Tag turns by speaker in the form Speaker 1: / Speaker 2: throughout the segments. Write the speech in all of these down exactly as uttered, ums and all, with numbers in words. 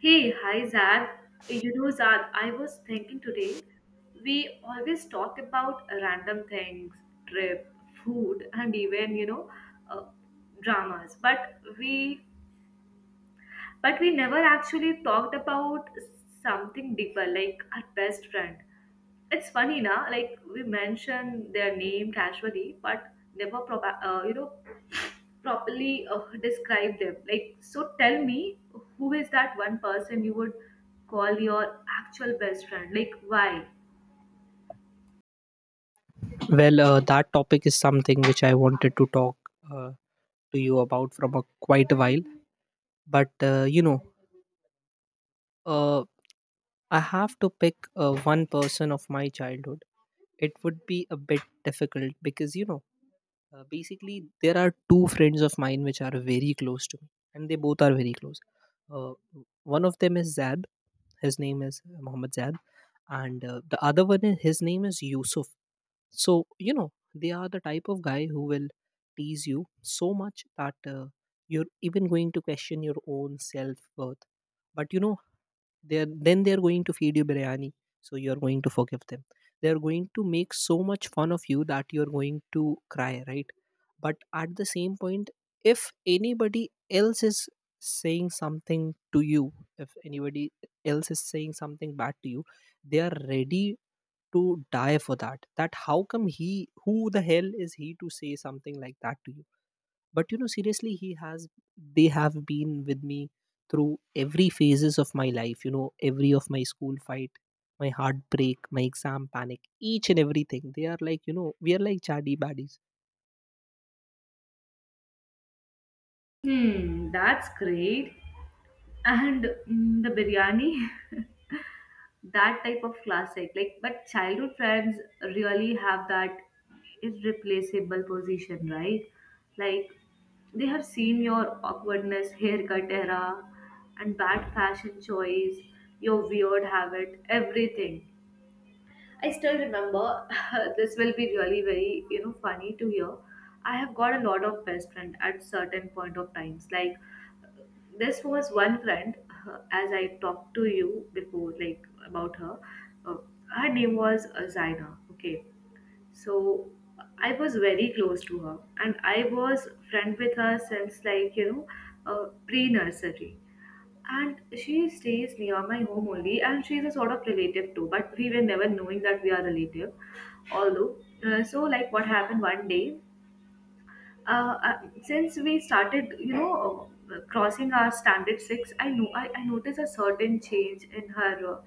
Speaker 1: Hey, hi Zad. You know, Zad, I was thinking today, we always talk about random things, trip, food, and even, you know, uh, dramas. But we, but we never actually talked about something deeper, like our best friend. It's funny now, like we mention their name casually, but never proba- uh, you know properly uh, describe them. Like, so tell me, who is that one person you would call your actual best friend? Like, why?
Speaker 2: Well, uh, that topic is something which I wanted to talk uh, to you about from a quite a while. But uh, you know, uh, I have to pick uh, one person of my childhood. It would be a bit difficult because you know, uh, basically there are two friends of mine which are very close to me, and they both are very close. Uh, One of them is Zad. His name is Mohammed Zad, and uh, the other one is his name is Yusuf. So, you know, they are the type of guy who will tease you so much that uh, you're even going to question your own self worth. But, you know, they're, then they're going to feed you biryani. So you're going to forgive them. They're going to make so much fun of you that you're going to cry, right? But at the same point, if anybody else is saying something to you, if anybody else is saying something bad to you, they are ready to die for that that how come he, who the hell is he to say something like that to you? But you know seriously he has they have been with me through every phases of my life, you know, every of my school fight, my heartbreak, my exam panic, each and everything. They are, like, you know, we are like chaddy baddies.
Speaker 1: Hmm, that's great. And mm, the biryani. That type of classic, like, but childhood friends really have that irreplaceable position, right? Like, they have seen your awkwardness, haircut era, and bad fashion choice, your weird habit, everything. I still remember. This will be really very, you know funny to hear. I have got a lot of best friend at certain point of times. Like, this was one friend, uh, as I talked to you before, like, about her. uh, Her name was uh, Zaina. Okay. So I was very close to her, and I was friend with her since, like, you know, uh, pre-nursery. And she stays near my home only, and she's a sort of relative too, but we were never knowing that we are relative, although. Uh, so, like, what happened one day. uh, uh, since we started, you know, uh, crossing our standard six, I know I, I noticed a certain change in her, uh,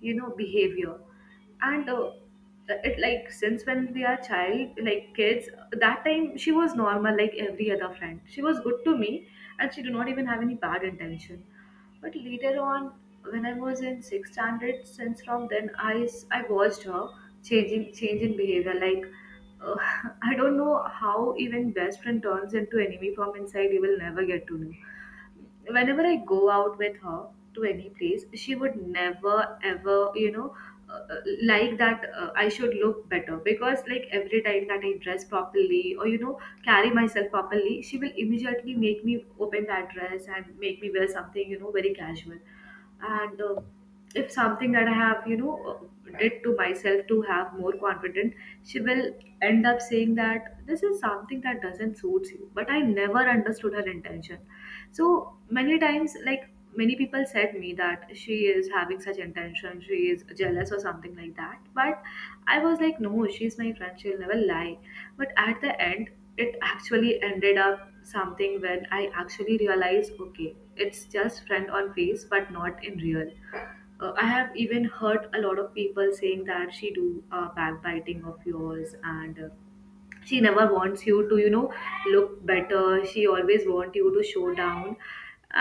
Speaker 1: you know, behavior. And uh, it, like, since when we are child, like kids, that time she was normal like every other friend. She was good to me, and she did not even have any bad intention. But later on, when I was in sixth standard, since from then I s- I watched her changing change in behavior. Like, uh, I don't know how even best friend turns into enemy from inside. You will never get to know. Whenever I go out with her to any place, she would never ever, you know, uh, uh, like that, uh, I should look better, because, like, every time that I dress properly, or, you know, carry myself properly, she will immediately make me open that dress and make me wear something, you know, very casual. And uh, if something that I have, you know, uh, did to myself to have more confident, she will end up saying that this is something that doesn't suits you. But I never understood her intention. So many times, like, many people said me that she is having such intention, she is jealous or something like that, but I was like, no, she's my friend, she'll never lie. But at the end, it actually ended up something when I actually realize, okay, it's just friend on face, but not in real. Uh, I have even heard a lot of people saying that she do uh, backbiting of yours, and uh, she never wants you to, you know, look better, she always wants you to show down,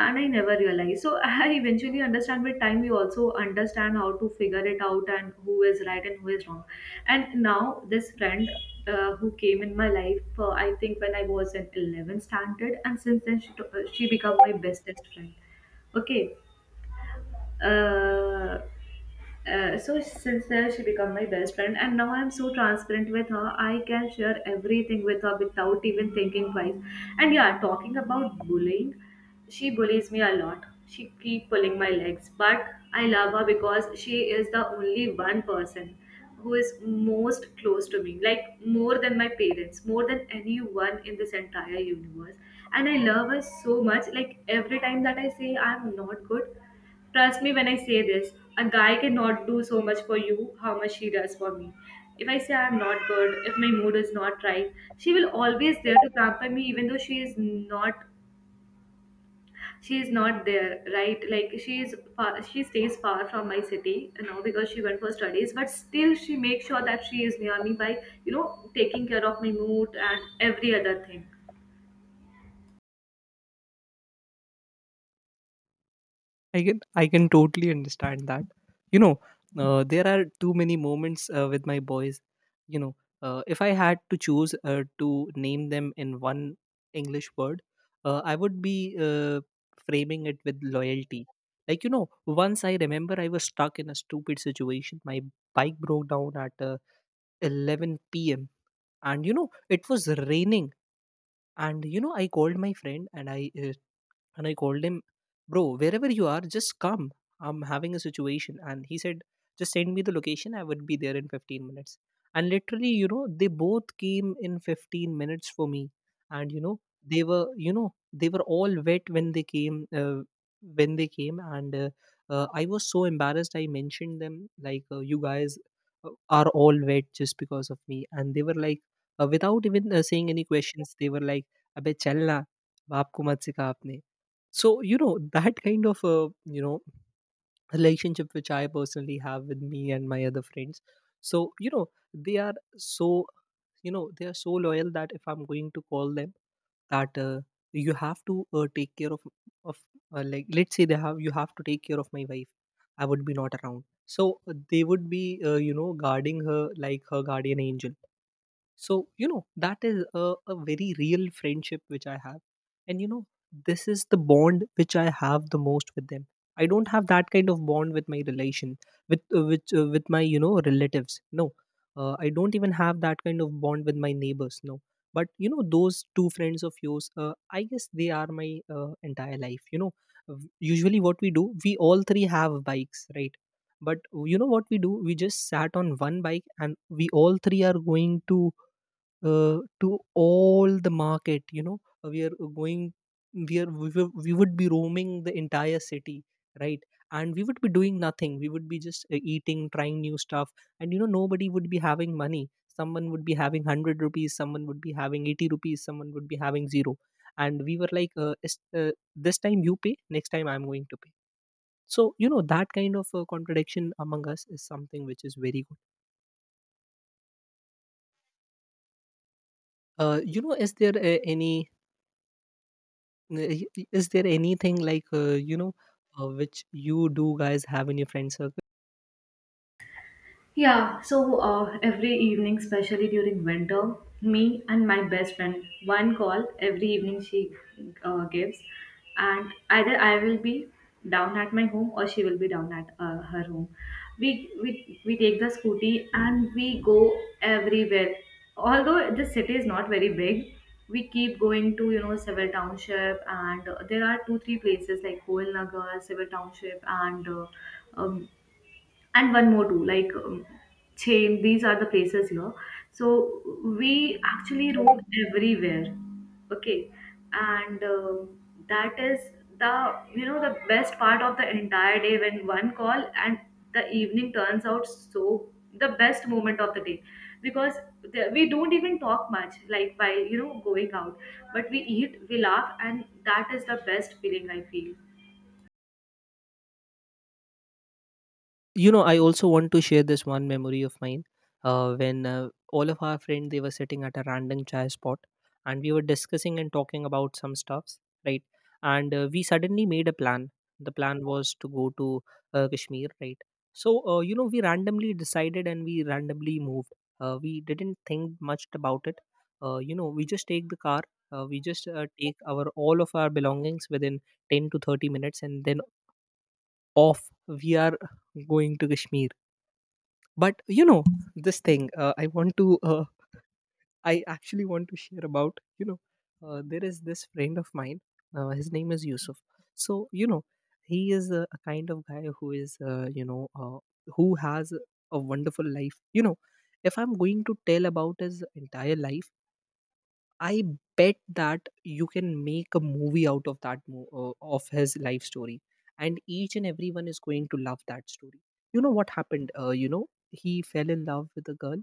Speaker 1: and I never realized. So I eventually understand. With time, you also understand how to figure it out, and who is right and who is wrong. And now this friend, uh, who came in my life, uh, I think when I was in eleventh standard, and since then she, to- uh, she became my bestest friend. Okay. uh, uh, so since then she became my best friend, and now I'm so transparent with her, I can share everything with her without even thinking twice. And yeah, talking about bullying, she bullies me a lot, she keep pulling my legs. But I love her because she is the only one person who is most close to me, like, more than my parents, more than anyone in this entire universe. And I love her so much, like, every time that I say I'm not good. Trust me when I say this, a guy cannot do so much for you how much she does for me. If I say I'm not good, if my mood is not right, she will always there to pamper me, even though she is not she is not there, right? Like, she is far, she stays far from my city, you know, because she went for studies, but still she makes sure that she is near me by, you know, taking care of my mood and every other thing.
Speaker 2: I can I can totally understand that. You know, uh, there are too many moments uh, with my boys. You know, uh, if I had to choose uh, to name them in one English word, uh, I would be uh, framing it with loyalty. Like you know, once I remember I was stuck in a stupid situation. My bike broke down at uh, eleven p m and you know it was raining. And you know I called my friend and I uh, and I called him, bro, wherever you are, just come. I'm having a situation. And he said, just send me the location. I would be there in fifteen minutes. And literally, you know, they both came in fifteen minutes for me. And, you know, they were, you know, they were all wet when they came. Uh, when they came and uh, uh, I was so embarrassed, I mentioned them like, uh, you guys uh, are all wet just because of me. And they were like, uh, without even uh, saying any questions, they were like, अबे चलना बाप को मत सिखा आपने. So you know that kind of uh, you know relationship which I personally have with me and my other friends. So you know they are so, you know, they are so loyal that if I'm going to call them that uh, you have to uh, take care of of uh, like let's say they have you have to take care of my wife, I would be not around, so uh, they would be, uh, you know, guarding her like her guardian angel. So you know that is a, a very real friendship which I have. And you know this is the bond which I have the most with them. I don't have that kind of bond with my relation with uh, which uh, with my, you know, relatives, no. uh, I don't even have that kind of bond with my neighbors, no. But you know those two friends of yours, uh, I guess they are my uh, entire life, you know. V- usually what we do, we all three have bikes, right? But you know what we do, we just sat on one bike and we all three are going to, uh, to all the market, you know. We are going, we are we, wou- we would be roaming the entire city, right? And we would be doing nothing, we would be just uh, eating, trying new stuff. And you know nobody would be having money. Someone would be having one hundred rupees, someone would be having eighty rupees, someone would be having zero. And we were like, uh, is- uh, this time you pay, next time I'm going to pay. So you know that kind of uh, contradiction among us is something which is very good. Uh, you know, is there uh, any, N- y- y- is there anything like, uh, you know uh, which you do guys have in your friend circle?
Speaker 1: Yeah, so uh, every evening, especially during winter, me and my best friend, one call every evening she uh, gives, and either I will be down at my home or she will be down at uh, her home. We, we we take the scooty and we go everywhere. Although the city is not very big, we keep going to, you know, Civil Township, and uh, there are two three places like Koil Nagar, Civil Township, and uh, um, and one more too, like, um, chain. These are the places here. So we actually roam everywhere. Okay. And um, that is the, you know, the best part of the entire day, when one call and the evening turns out so the best moment of the day, because the, we don't even talk much, like, by, you know, going out, but we eat, we laugh, and that is the best feeling I feel.
Speaker 2: You know I also want to share this one memory of mine, uh, when uh, all of our friends, they were sitting at a random chai spot, and we were discussing and talking about some stuffs, right? And uh, we suddenly made a plan. The plan was to go to uh, Kashmir, right? So uh, you know we randomly decided and we randomly moved. Uh, we didn't think much about it. Uh, you know, we just take the car, uh, we just uh, take our all of our belongings within ten to thirty minutes and then off we are going to Kashmir. But you know this thing, uh, i want to uh, I actually want to share about, you know, uh, there is this friend of mine, uh, his name is Yusuf. So you know he is a, a kind of guy who is, uh, you know uh, who has a wonderful life, you know. If I'm going to tell about his entire life, I bet that you can make a movie out of that mo- uh, of his life story, and each and everyone is going to love that story. You know what happened? Uh, you know he fell in love with a girl.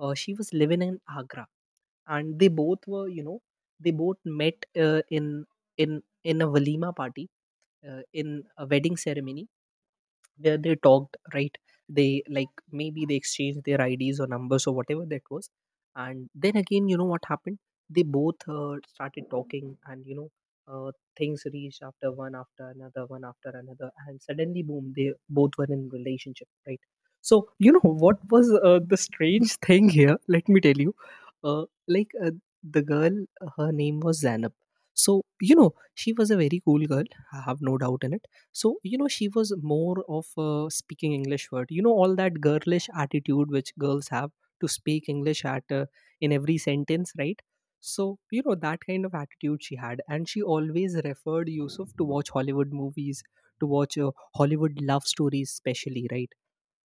Speaker 2: Uh, she was living in Agra, and they both were, you know, they both met uh, in in in a walima party, uh, in a wedding ceremony. They, they talked, right? They like maybe they exchanged their ids or numbers or whatever that was. And then again, you know what happened, they both uh, started talking, and you know, uh, things reached after one after another one after another and suddenly boom, they both were in relationship, right? So you know what was uh, the strange thing here, let me tell you. uh, like uh, the girl, uh, her name was Zanab. So you know she was a very cool girl, I have no doubt in it. So you know she was more of uh, speaking English word, you know, all that girlish attitude which girls have, to speak English at uh, in every sentence, right? So you know that kind of attitude she had, and she always referred Yusuf to watch Hollywood movies, to watch uh, Hollywood love stories especially, right?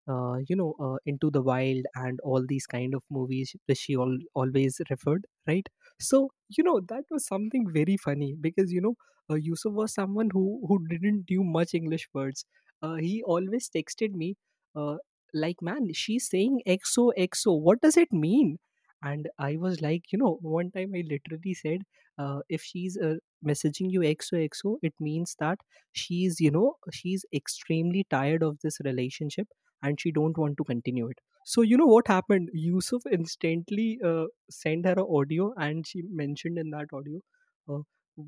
Speaker 2: uh, you know uh, Into the Wild and all these kind of movies which she al- always referred, right? So you know that was something very funny because you know, uh, Yusuf was someone who who didn't knew much English words. Uh, he always texted me, uh, like, man, she's saying xoxo, what does it mean? And I was like, you know, one time I literally said, uh, if she's, uh, messaging you xoxo, it means that she's, you know, she's extremely tired of this relationship and she don't want to continue it. So you know what happened, Yusuf instantly uh, sent her an audio and she mentioned in that audio, uh,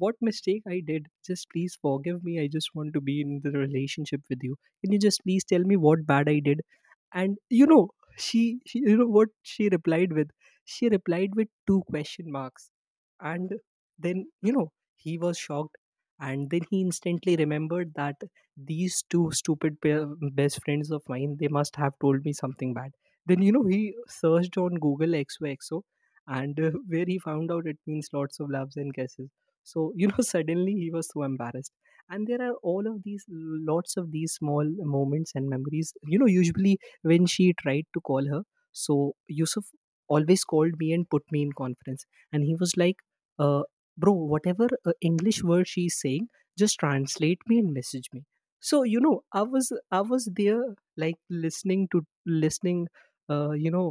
Speaker 2: what mistake I did, just please forgive me, I just want to be in the relationship with you, can you just please tell me what bad I did? And you know she, she you know what she replied with, she replied with two question marks. And then you know he was shocked, and then he instantly remembered that these two stupid pair, best friends of mine, they must have told me something bad. Then you know he searched on Google xoxo, and uh, where he found out it means lots of loves and kisses. So you know suddenly he was so embarrassed. And there are all of these lots of these small moments and memories, you know. Usually when she tried to call her, so Yusuf always called me and put me in conference, and he was like, uh, bro, whatever uh, English word she's saying, just translate me and message me. So you know i was i was there, like listening to listening uh, you know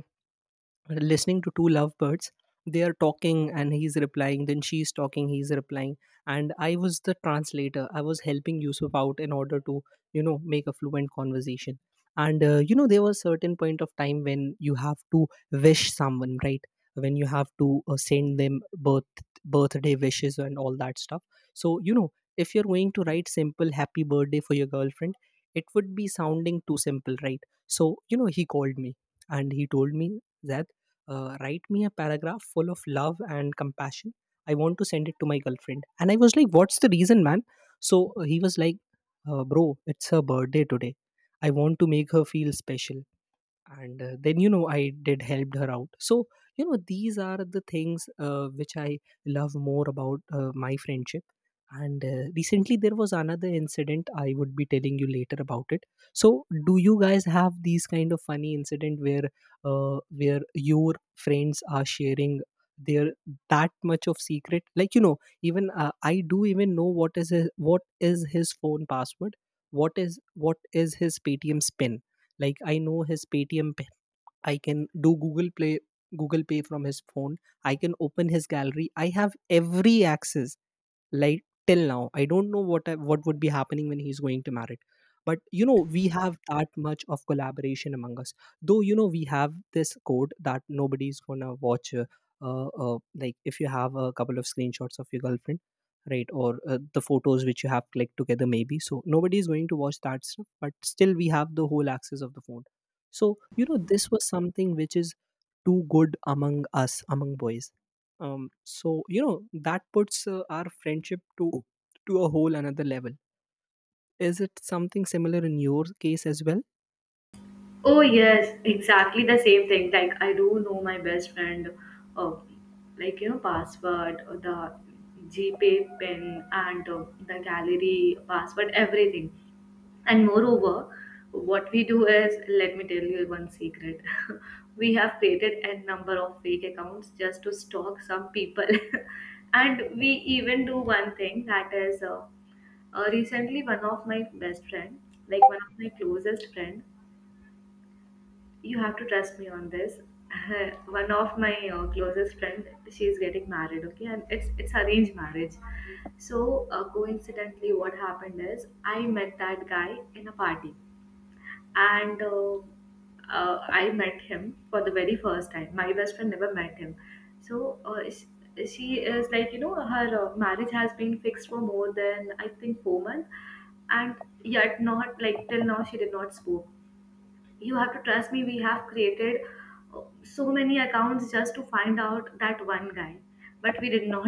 Speaker 2: listening to two lovebirds, they are talking and he's replying, then she's talking, he's replying. And I was the translator, I was helping Yusuf out in order to, you know, make a fluent conversation. And uh, you know there was certain point of time when you have to wish someone, right? When you have to uh, send them birth birthday wishes and all that stuff. So you know if you're going to write simple happy birthday for your girlfriend, it would be sounding too simple, right? So you know he called me and he told me that, uh, write me a paragraph full of love and compassion. I want to send it to my girlfriend. And I was like, what's the reason, man? So uh, he was like, uh, bro, it's her birthday today. I want to make her feel special, and uh, then you know I did helped her out. So you know, these are the things uh, which I love more about uh, my friendship. And uh, recently there was another incident I would be telling you later about it. So do you guys have these kind of funny incident where uh, where your friends are sharing their that much of secret, like, you know, even uh, I do even know what is his, what is his phone password, what is, what is his Paytm's pin. Like, I know his Paytm, pay, I can do Google Play, Google Pay from his phone. I can open his gallery. I have every access. Like, till now I don't know what I, what would be happening when he's going to marry. But you know, we have that much of collaboration among us. Though you know, we have this code that nobody's gonna watch, uh, uh, uh, like, if you have a couple of screenshots of your girlfriend, right, or uh, the photos which you have clicked together maybe, so nobody is going to watch that stuff, but still we have the whole access of the phone. So you know, this was something which is too good among us, among boys. Um, so you know, that puts uh, our friendship to to a whole another level. Is it something similar in your case as well?
Speaker 1: Oh yes, exactly the same thing. Like, I do know my best friend, uh, like, you know, password, uh, the GPay pin, and uh, the gallery password, everything. And moreover, what we do is, let me tell you one secret. We have created a number of fake accounts just to stalk some people. And we even do one thing, that is, uh, uh, recently one of my best friend, like, one of my closest friend, you have to trust me on this. One of my uh, closest friend, she is getting married, okay, and it's it's arranged marriage. So, uh, coincidentally, what happened is, I met that guy in a party, and uh, uh, I met him for the very first time. My best friend never met him, so uh, she, she is like, you know, her uh, marriage has been fixed for more than I think four months, and yet, not like, till now she did not spoke. You have to trust me, we have created uh, so many accounts just to find out that one guy, but we did not.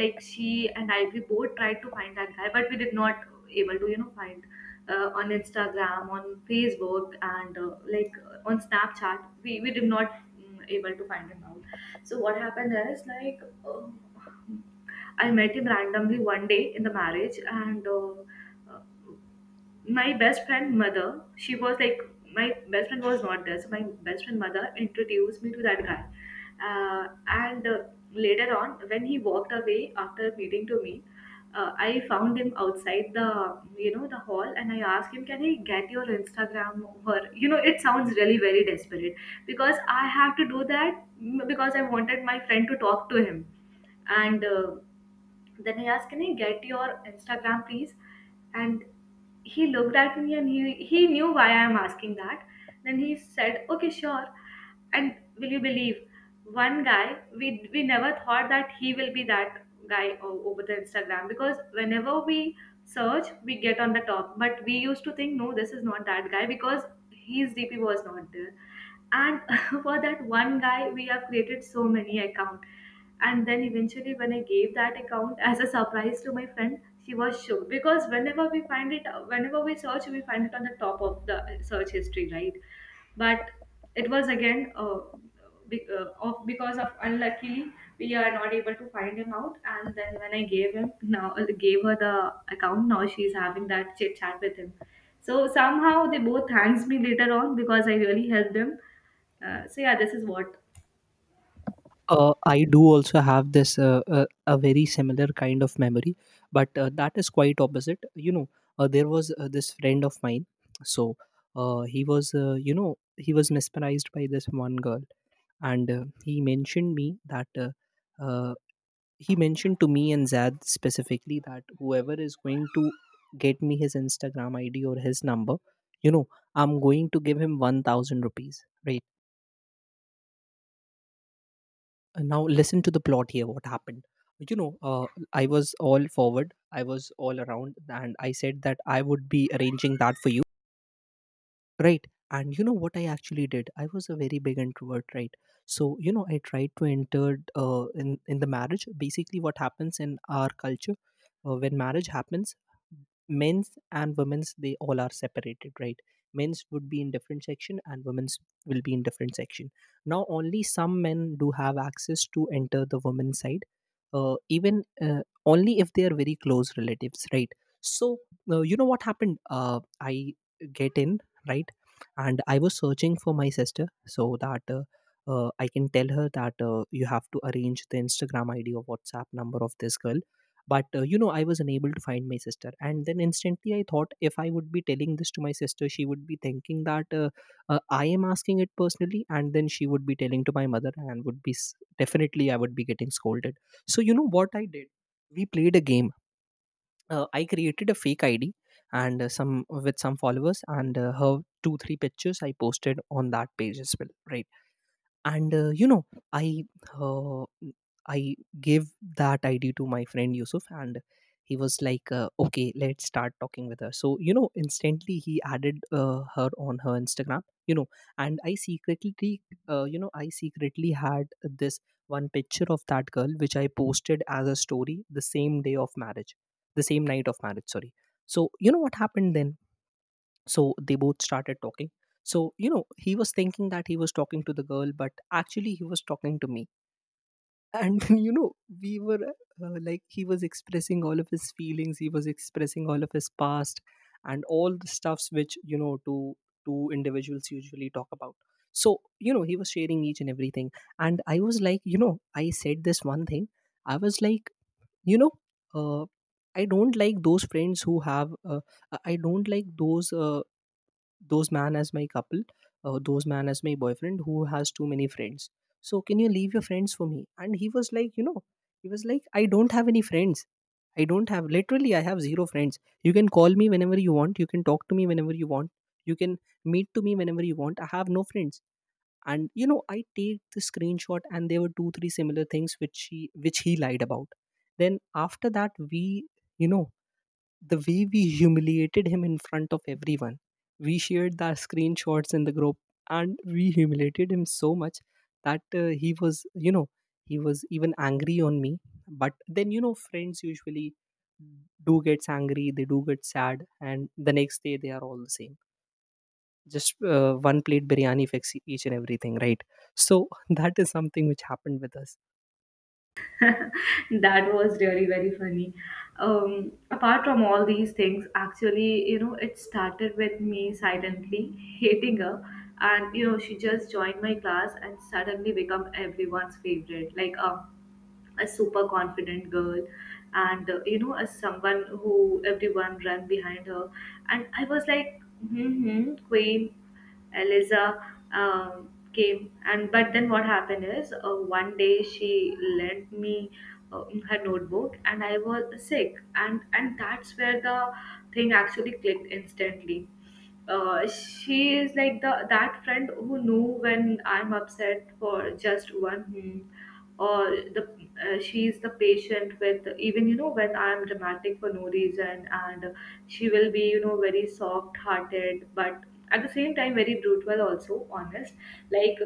Speaker 1: Like, she and I, we both tried to find that guy, but we did not able to, you know, find, uh, on Instagram, on Facebook, and uh, like, uh, on Snapchat, we, we did not, mm, able to find him out. So what happened is, like, uh, I met him randomly one day in the marriage, and uh, uh, my best friend mother, she was like, my best friend was not there, so my best friend mother introduced me to that guy, uh, and uh, later on when he walked away after meeting to me, uh, I found him outside the, you know, the hall, and I asked him, can I get your Instagram? Or, you know, it sounds really very desperate, because I have to do that, mm, because I wanted my friend to talk to him. And uh, then he asked, can I get your Instagram, please? And he looked at me, and he, he knew why I am asking that. Then he said, okay, sure. And will you believe, one guy, we, we never thought that he will be that guy o- over the Instagram, because whenever we search, we get on the top. But we used to think, no, this is not that guy because his D P was not there. And for that one guy, we have created so many accounts, and then eventually, when I gave that account as a surprise to my friend, she was shocked, because whenever we find it, whenever we search, we find it on the top of the search history, right? But it was again, uh, be- uh, of because of unluckily we are not able to find him out. And then when I gave him now uh, gave her the account, now she's having that chit chat with him. So somehow they both thanks me later on, because I really helped them. Uh, so yeah, this is what.
Speaker 2: Uh, I do also have this uh, uh, a very similar kind of memory, but uh, that is quite opposite. You know, uh, there was uh, this friend of mine. So uh, he was, uh, you know, he was mesmerized by this one girl, and uh, he mentioned me that uh, uh, he mentioned to me and Zad specifically that whoever is going to get me his Instagram I D or his number, you know, I'm going to give him one thousand rupees, right? And now, listen to the plot here what happened. You know, uh, I was all forward, I was all around, and I said that I would be arranging that for you. Right. And you know what I actually did? I was a very big introvert, right? So, you know, I tried to enter uh, in, in the marriage. Basically, what happens in our culture uh, when marriage happens, men's and women's, they all are separated, right? Men's would be in different section and women's will be in different section. Now, only some men do have access to enter the women's side, uh, even uh, only if they are very close relatives, right? So, uh, you know what happened? Uh, I get in, right? And I was searching for my sister so that uh, uh, I can tell her that uh, you have to arrange the Instagram ID or WhatsApp number of this girl. But uh, you know, I was unable to find my sister, and then instantly I thought, if I would be telling this to my sister, she would be thinking that uh, uh, I am asking it personally, and then she would be telling to my mother, and would be s- definitely I would be getting scolded. So you know what I did, we played a game. uh, I created a fake I D, and uh, some with some followers, and uh, her two three pictures I posted on that page as well, right? And uh, you know, i uh, I gave that idea to my friend Yusuf, and he was like, uh, okay, let's start talking with her. So you know, instantly he added uh, her on her Instagram, you know. And I secretly, uh, you know, I secretly had this one picture of that girl, which I posted as a story the same day of marriage, the same night of marriage, sorry. So you know what happened then, so they both started talking. So, you know, he was thinking that he was talking to the girl, but actually he was talking to me. And then, you know, we were uh, like, he was expressing all of his feelings, he was expressing all of his past, and all the stuffs which, you know, two, two individuals usually talk about. So, you know, he was sharing each and everything. And I was like, you know, I said this one thing. I was like, you know, uh, I don't like those friends who have, uh, I I don't like those. Uh, those man as my couple, uh, those man as my boyfriend who has too many friends. So can you leave your friends for me? And he was like, you know, he was like, I don't have any friends, I don't have, literally I have zero friends. You can call me whenever you want, you can talk to me whenever you want, you can meet to me whenever you want, I have no friends. And you know, I take the screenshot, and there were two three similar things which she which he lied about. Then after that, we, you know, the way we humiliated him in front of everyone, we shared the screenshots in the group, and we humiliated him so much that uh, he was, you know, he was even angry on me. But then you know, friends usually do gets angry, they do get sad, and the next day they are all the same. Just uh, one plate biryani fixes each and everything, right? So that is something which happened with us.
Speaker 1: That was really very funny. Um, apart from all these things, actually, you know, it started with me silently hating her, and, you know, she just joined my class and suddenly become everyone's favorite. Like, a a super confident girl, and uh, you know, as someone who everyone ran behind her. And I was like, hmm, queen Eliza um, came. And but then what happened is, uh, one day she lent me uh, her notebook, and I was sick, and and that's where the thing actually clicked instantly. Uh, she is like the that friend who knew when I'm upset for just one hmm, or the uh, she is the patient with, even, you know, when I'm dramatic for no reason, and she will be, you know, very soft hearted, but at the same time very brutal, also honest. Like,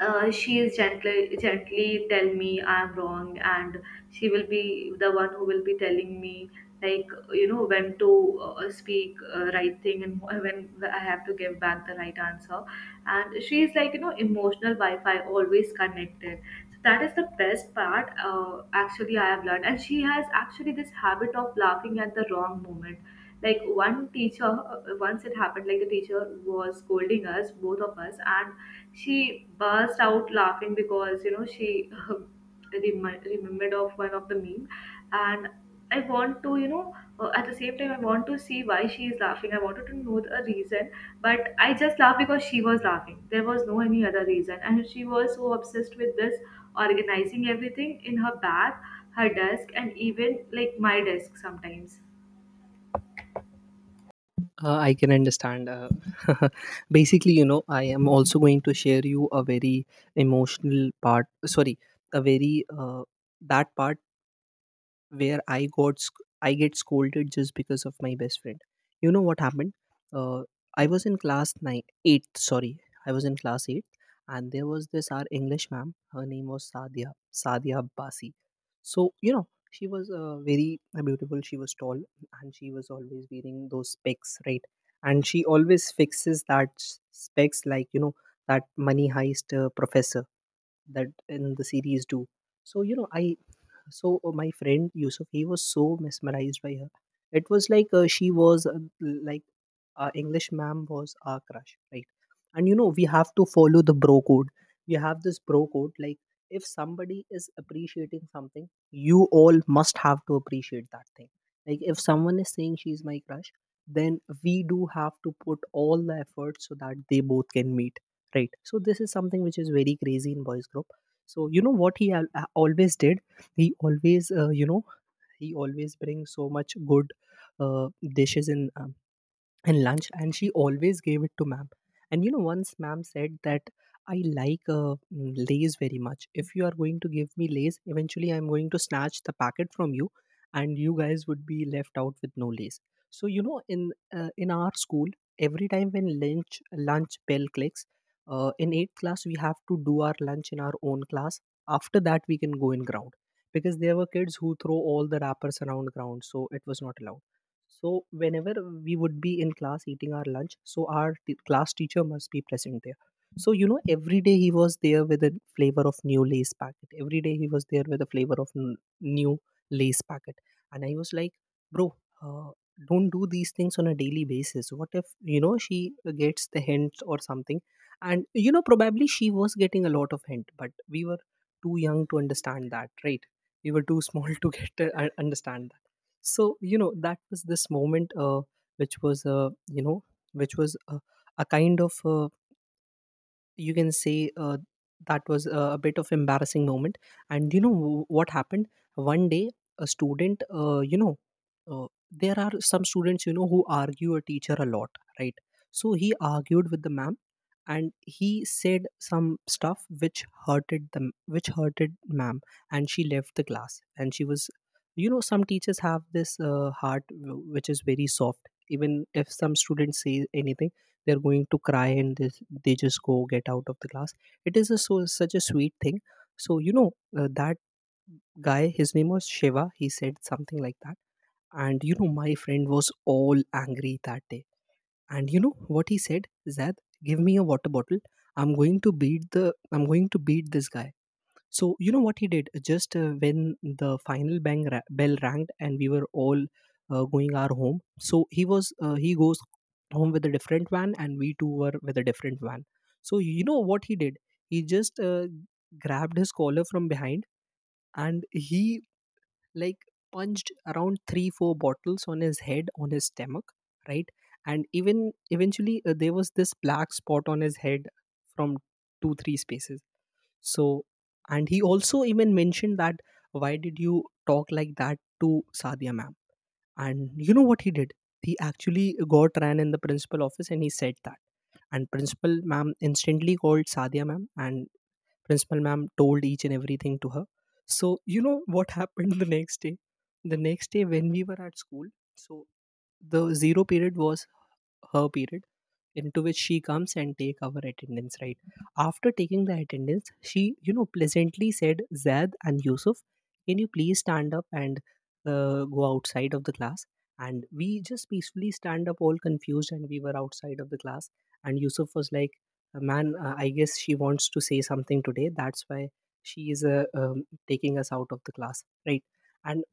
Speaker 1: uh, she is gently gently tell me I'm wrong, and she will be the one who will be telling me, like, you know, when to uh, speak uh, right thing, and when I have to give back the right answer. And she is like, you know, emotional Wi-Fi, always connected. So that is the best part. Uh, actually, I have learned, and she has actually this habit of laughing at the wrong moment. Like, one teacher, uh, once it happened, like, the teacher was scolding us, both of us, and she burst out laughing, because, you know, she uh, remi- remembered of one of the meme, and I want to, you know, uh, at the same time I want to see why she is laughing. I wanted to know the reason, but I just laughed because she was laughing. There was no any other reason, and she was so obsessed with this organizing everything in her bag, her desk, and even like my desk sometimes.
Speaker 2: Uh, I can understand. Uh, basically, you know, I am also going to share you a very emotional part. Sorry, a very uh, that part where I got sc- I get scolded just because of my best friend. You know what happened? Uh, I was in class nine, eight. Sorry, I was in class eight, and there was this our English ma'am. Her name was Sadia Sadia Abbasi. So you know, she was uh, very uh, beautiful. She was tall, and she was always wearing those specs, right? And she always fixes that s- specs, like, you know, that Money Heist uh, professor that in the series do. So you know I, so uh, my friend Yusuf, he was so mesmerized by her. It was like uh, she was uh, like, our English ma'am was our crush, right? And you know, we have to follow the bro code. We have this bro code. Like, if somebody is appreciating something, you all must have to appreciate that thing. Like, if someone is saying she's my crush, then we do have to put all the effort so that they both can meet, right? So, this is something which is very crazy in boys' group. So, you know what he al- uh, always did? He always, uh, you know, he always brings so much good uh, dishes in um, and lunch, and she always gave it to ma'am. And you know, once ma'am said that, I like uh, mm, Lays very much, if you are going to give me Lays, eventually I'm going to snatch the packet from you, and you guys would be left out with no Lays. So you know, in uh, in our school, every time when lunch lunch bell clicks, uh, in eighth class we have to do our lunch in our own class, after that we can go in ground, because there were kids who throw all the wrappers around ground, so it was not allowed. So whenever we would be in class eating our lunch, so our t- class teacher must be present there. So you know, every day he was there with a flavor of new lace packet. Every day he was there with a flavor of n- new lace packet, and I was like, bro. Uh, don't do these things on a daily basis. What if you know she gets the hint or something? And you know probably she was getting a lot of hint, but we were too young to understand that, right? We were too small to get to understand. So you know, that was this moment, uh, which was uh, you know which was uh, a kind of, uh, you can say, uh, that was uh, a bit of embarrassing moment. And you know, w- what happened one day, a student, uh, you know uh, there are some students you know who argue a teacher a lot, right? So he argued with the ma'am, and he said some stuff which hurted them, which hurted ma'am. And she left the class, and she was, you know, some teachers have this, uh, heart w- which is very soft. Even if some students say anything, they're going to cry, and this, they just go get out of the class. It is a so such a sweet thing. So you know, uh, that guy, his name was Shiva, he said something like that. And you know, my friend was all angry that day. And you know what he said? Zad, give me a water bottle. i'm going to beat the I'm going to beat this guy. So you know what he did? Just, uh, when the final bang ra- bell rang and we were all, uh, going our home, so he was, uh, he goes home with a different van, and we two were with a different van. So you know what he did? He just, uh, grabbed his collar from behind, and he, like, punched around three four bottles on his head, on his stomach, right? And even eventually, uh, there was this black spot on his head from two three spaces. So, and he also even mentioned that, why did you talk like that to Sadia ma'am? And you know what he did? He actually got ran in the principal office, and he said that. And principal ma'am instantly called Sadia ma'am, and principal ma'am told each and everything to her. So, you know what happened the next day? The next day when we were at school, so the zero period was her period, into which she comes and take our attendance, right? After taking the attendance, she, you know, pleasantly said, Zed and Yusuf, can you please stand up and, uh, go outside of the class? And we just peacefully stand up, all confused, and we were outside of the class. And Yusuf was like, man, uh, I guess she wants to say something today, that's why she is, uh, um, taking us out of the class, right? And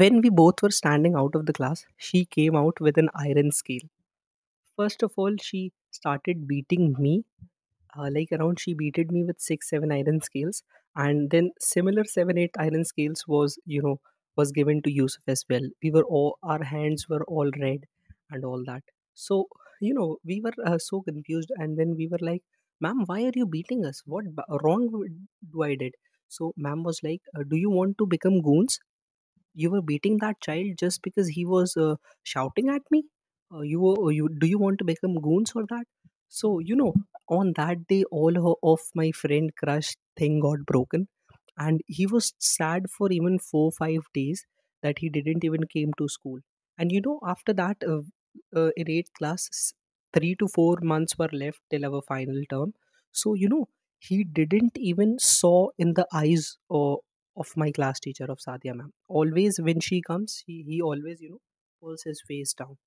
Speaker 2: when we both were standing out of the class, she came out with an iron scale. First of all, she started beating me. Uh, like, around, she beated me with six, seven iron scales, and then similar seven, eight iron scales was, you know, was given to Yusuf as well. We were all, our hands were all red, and all that. So you know, we were, uh, so confused, and then we were like, "Ma'am, why are you beating us? What b- wrong do I did?" So, ma'am was like, uh, "Do you want to become goons? You were beating that child just because he was, uh, shouting at me. Uh, you were you Do you want to become goons for that?" So you know, on that day, all ho- of my friend crush thing got broken, and he was sad for even four five days, that he didn't even came to school. And you know, after that, uh, uh, in eighth class, s- three to four months were left till our final term. So you know, he didn't even saw in the eyes o- of my class teacher, of Sadia ma'am. Always when she comes, he, he always, you know, pulls his face down.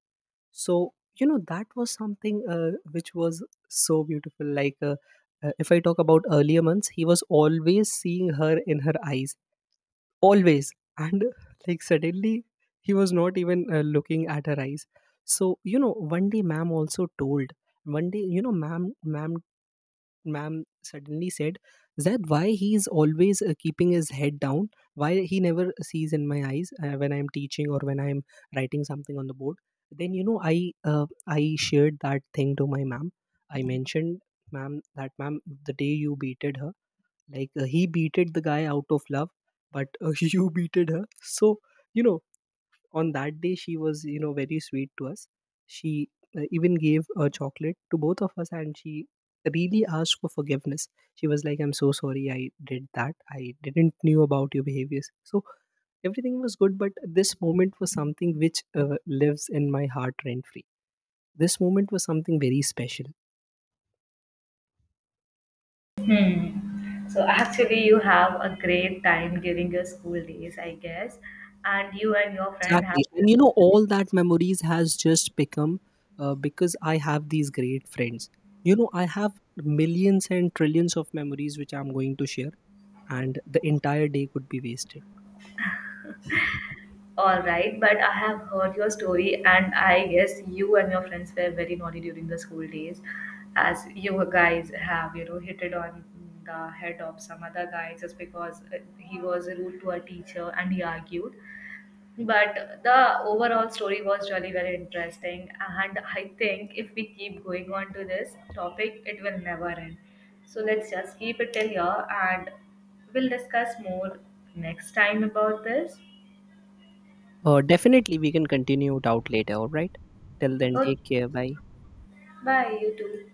Speaker 2: So you know, that was something, uh, which was so beautiful. Like, uh, uh, if I talk about earlier months, he was always seeing her in her eyes, always. And like, suddenly, he was not even, uh, looking at her eyes. So you know, one day ma'am also told, one day, you know, ma'am ma'am ma'am suddenly said, that why he is always, uh, keeping his head down? Why he never sees in my eyes, uh, when I'm teaching or when I'm writing something on the board? Then you know, I uh, I shared that thing to my ma'am. I mentioned, ma'am, that ma'am, the day you beated her, like, uh, he beated the guy out of love, but, uh, you beated her. So you know, on that day she was, you know, very sweet to us. She, uh, even gave a chocolate to both of us, and she really asked for forgiveness. She was like, I'm so sorry I did that, I didn't knew about your behaviors. So everything was good, but this moment was something which, uh, lives in my heart rent free. This moment was something very special.
Speaker 1: Hmm. So actually, you have a great time during your school days, I guess, and you and your friend have.
Speaker 2: Exactly, and you know, all that memories has just become, uh, because I have these great friends. You know, I have millions and trillions of memories which I'm going to share, and the entire day could be wasted.
Speaker 1: All right, but I have heard your story, and I guess you and your friends were very naughty during the school days, as you guys have, you know, hit it on the head of some other guy just because uh, he was rude to a teacher and he argued. But the overall story was really very interesting, and I think if we keep going on to this topic, it will never end. So let's just keep it till here, and we'll discuss more next time about this.
Speaker 2: Uh, definitely we can continue it out later. All right, till then,
Speaker 1: Okay,
Speaker 2: take care, bye.
Speaker 1: bye, you too.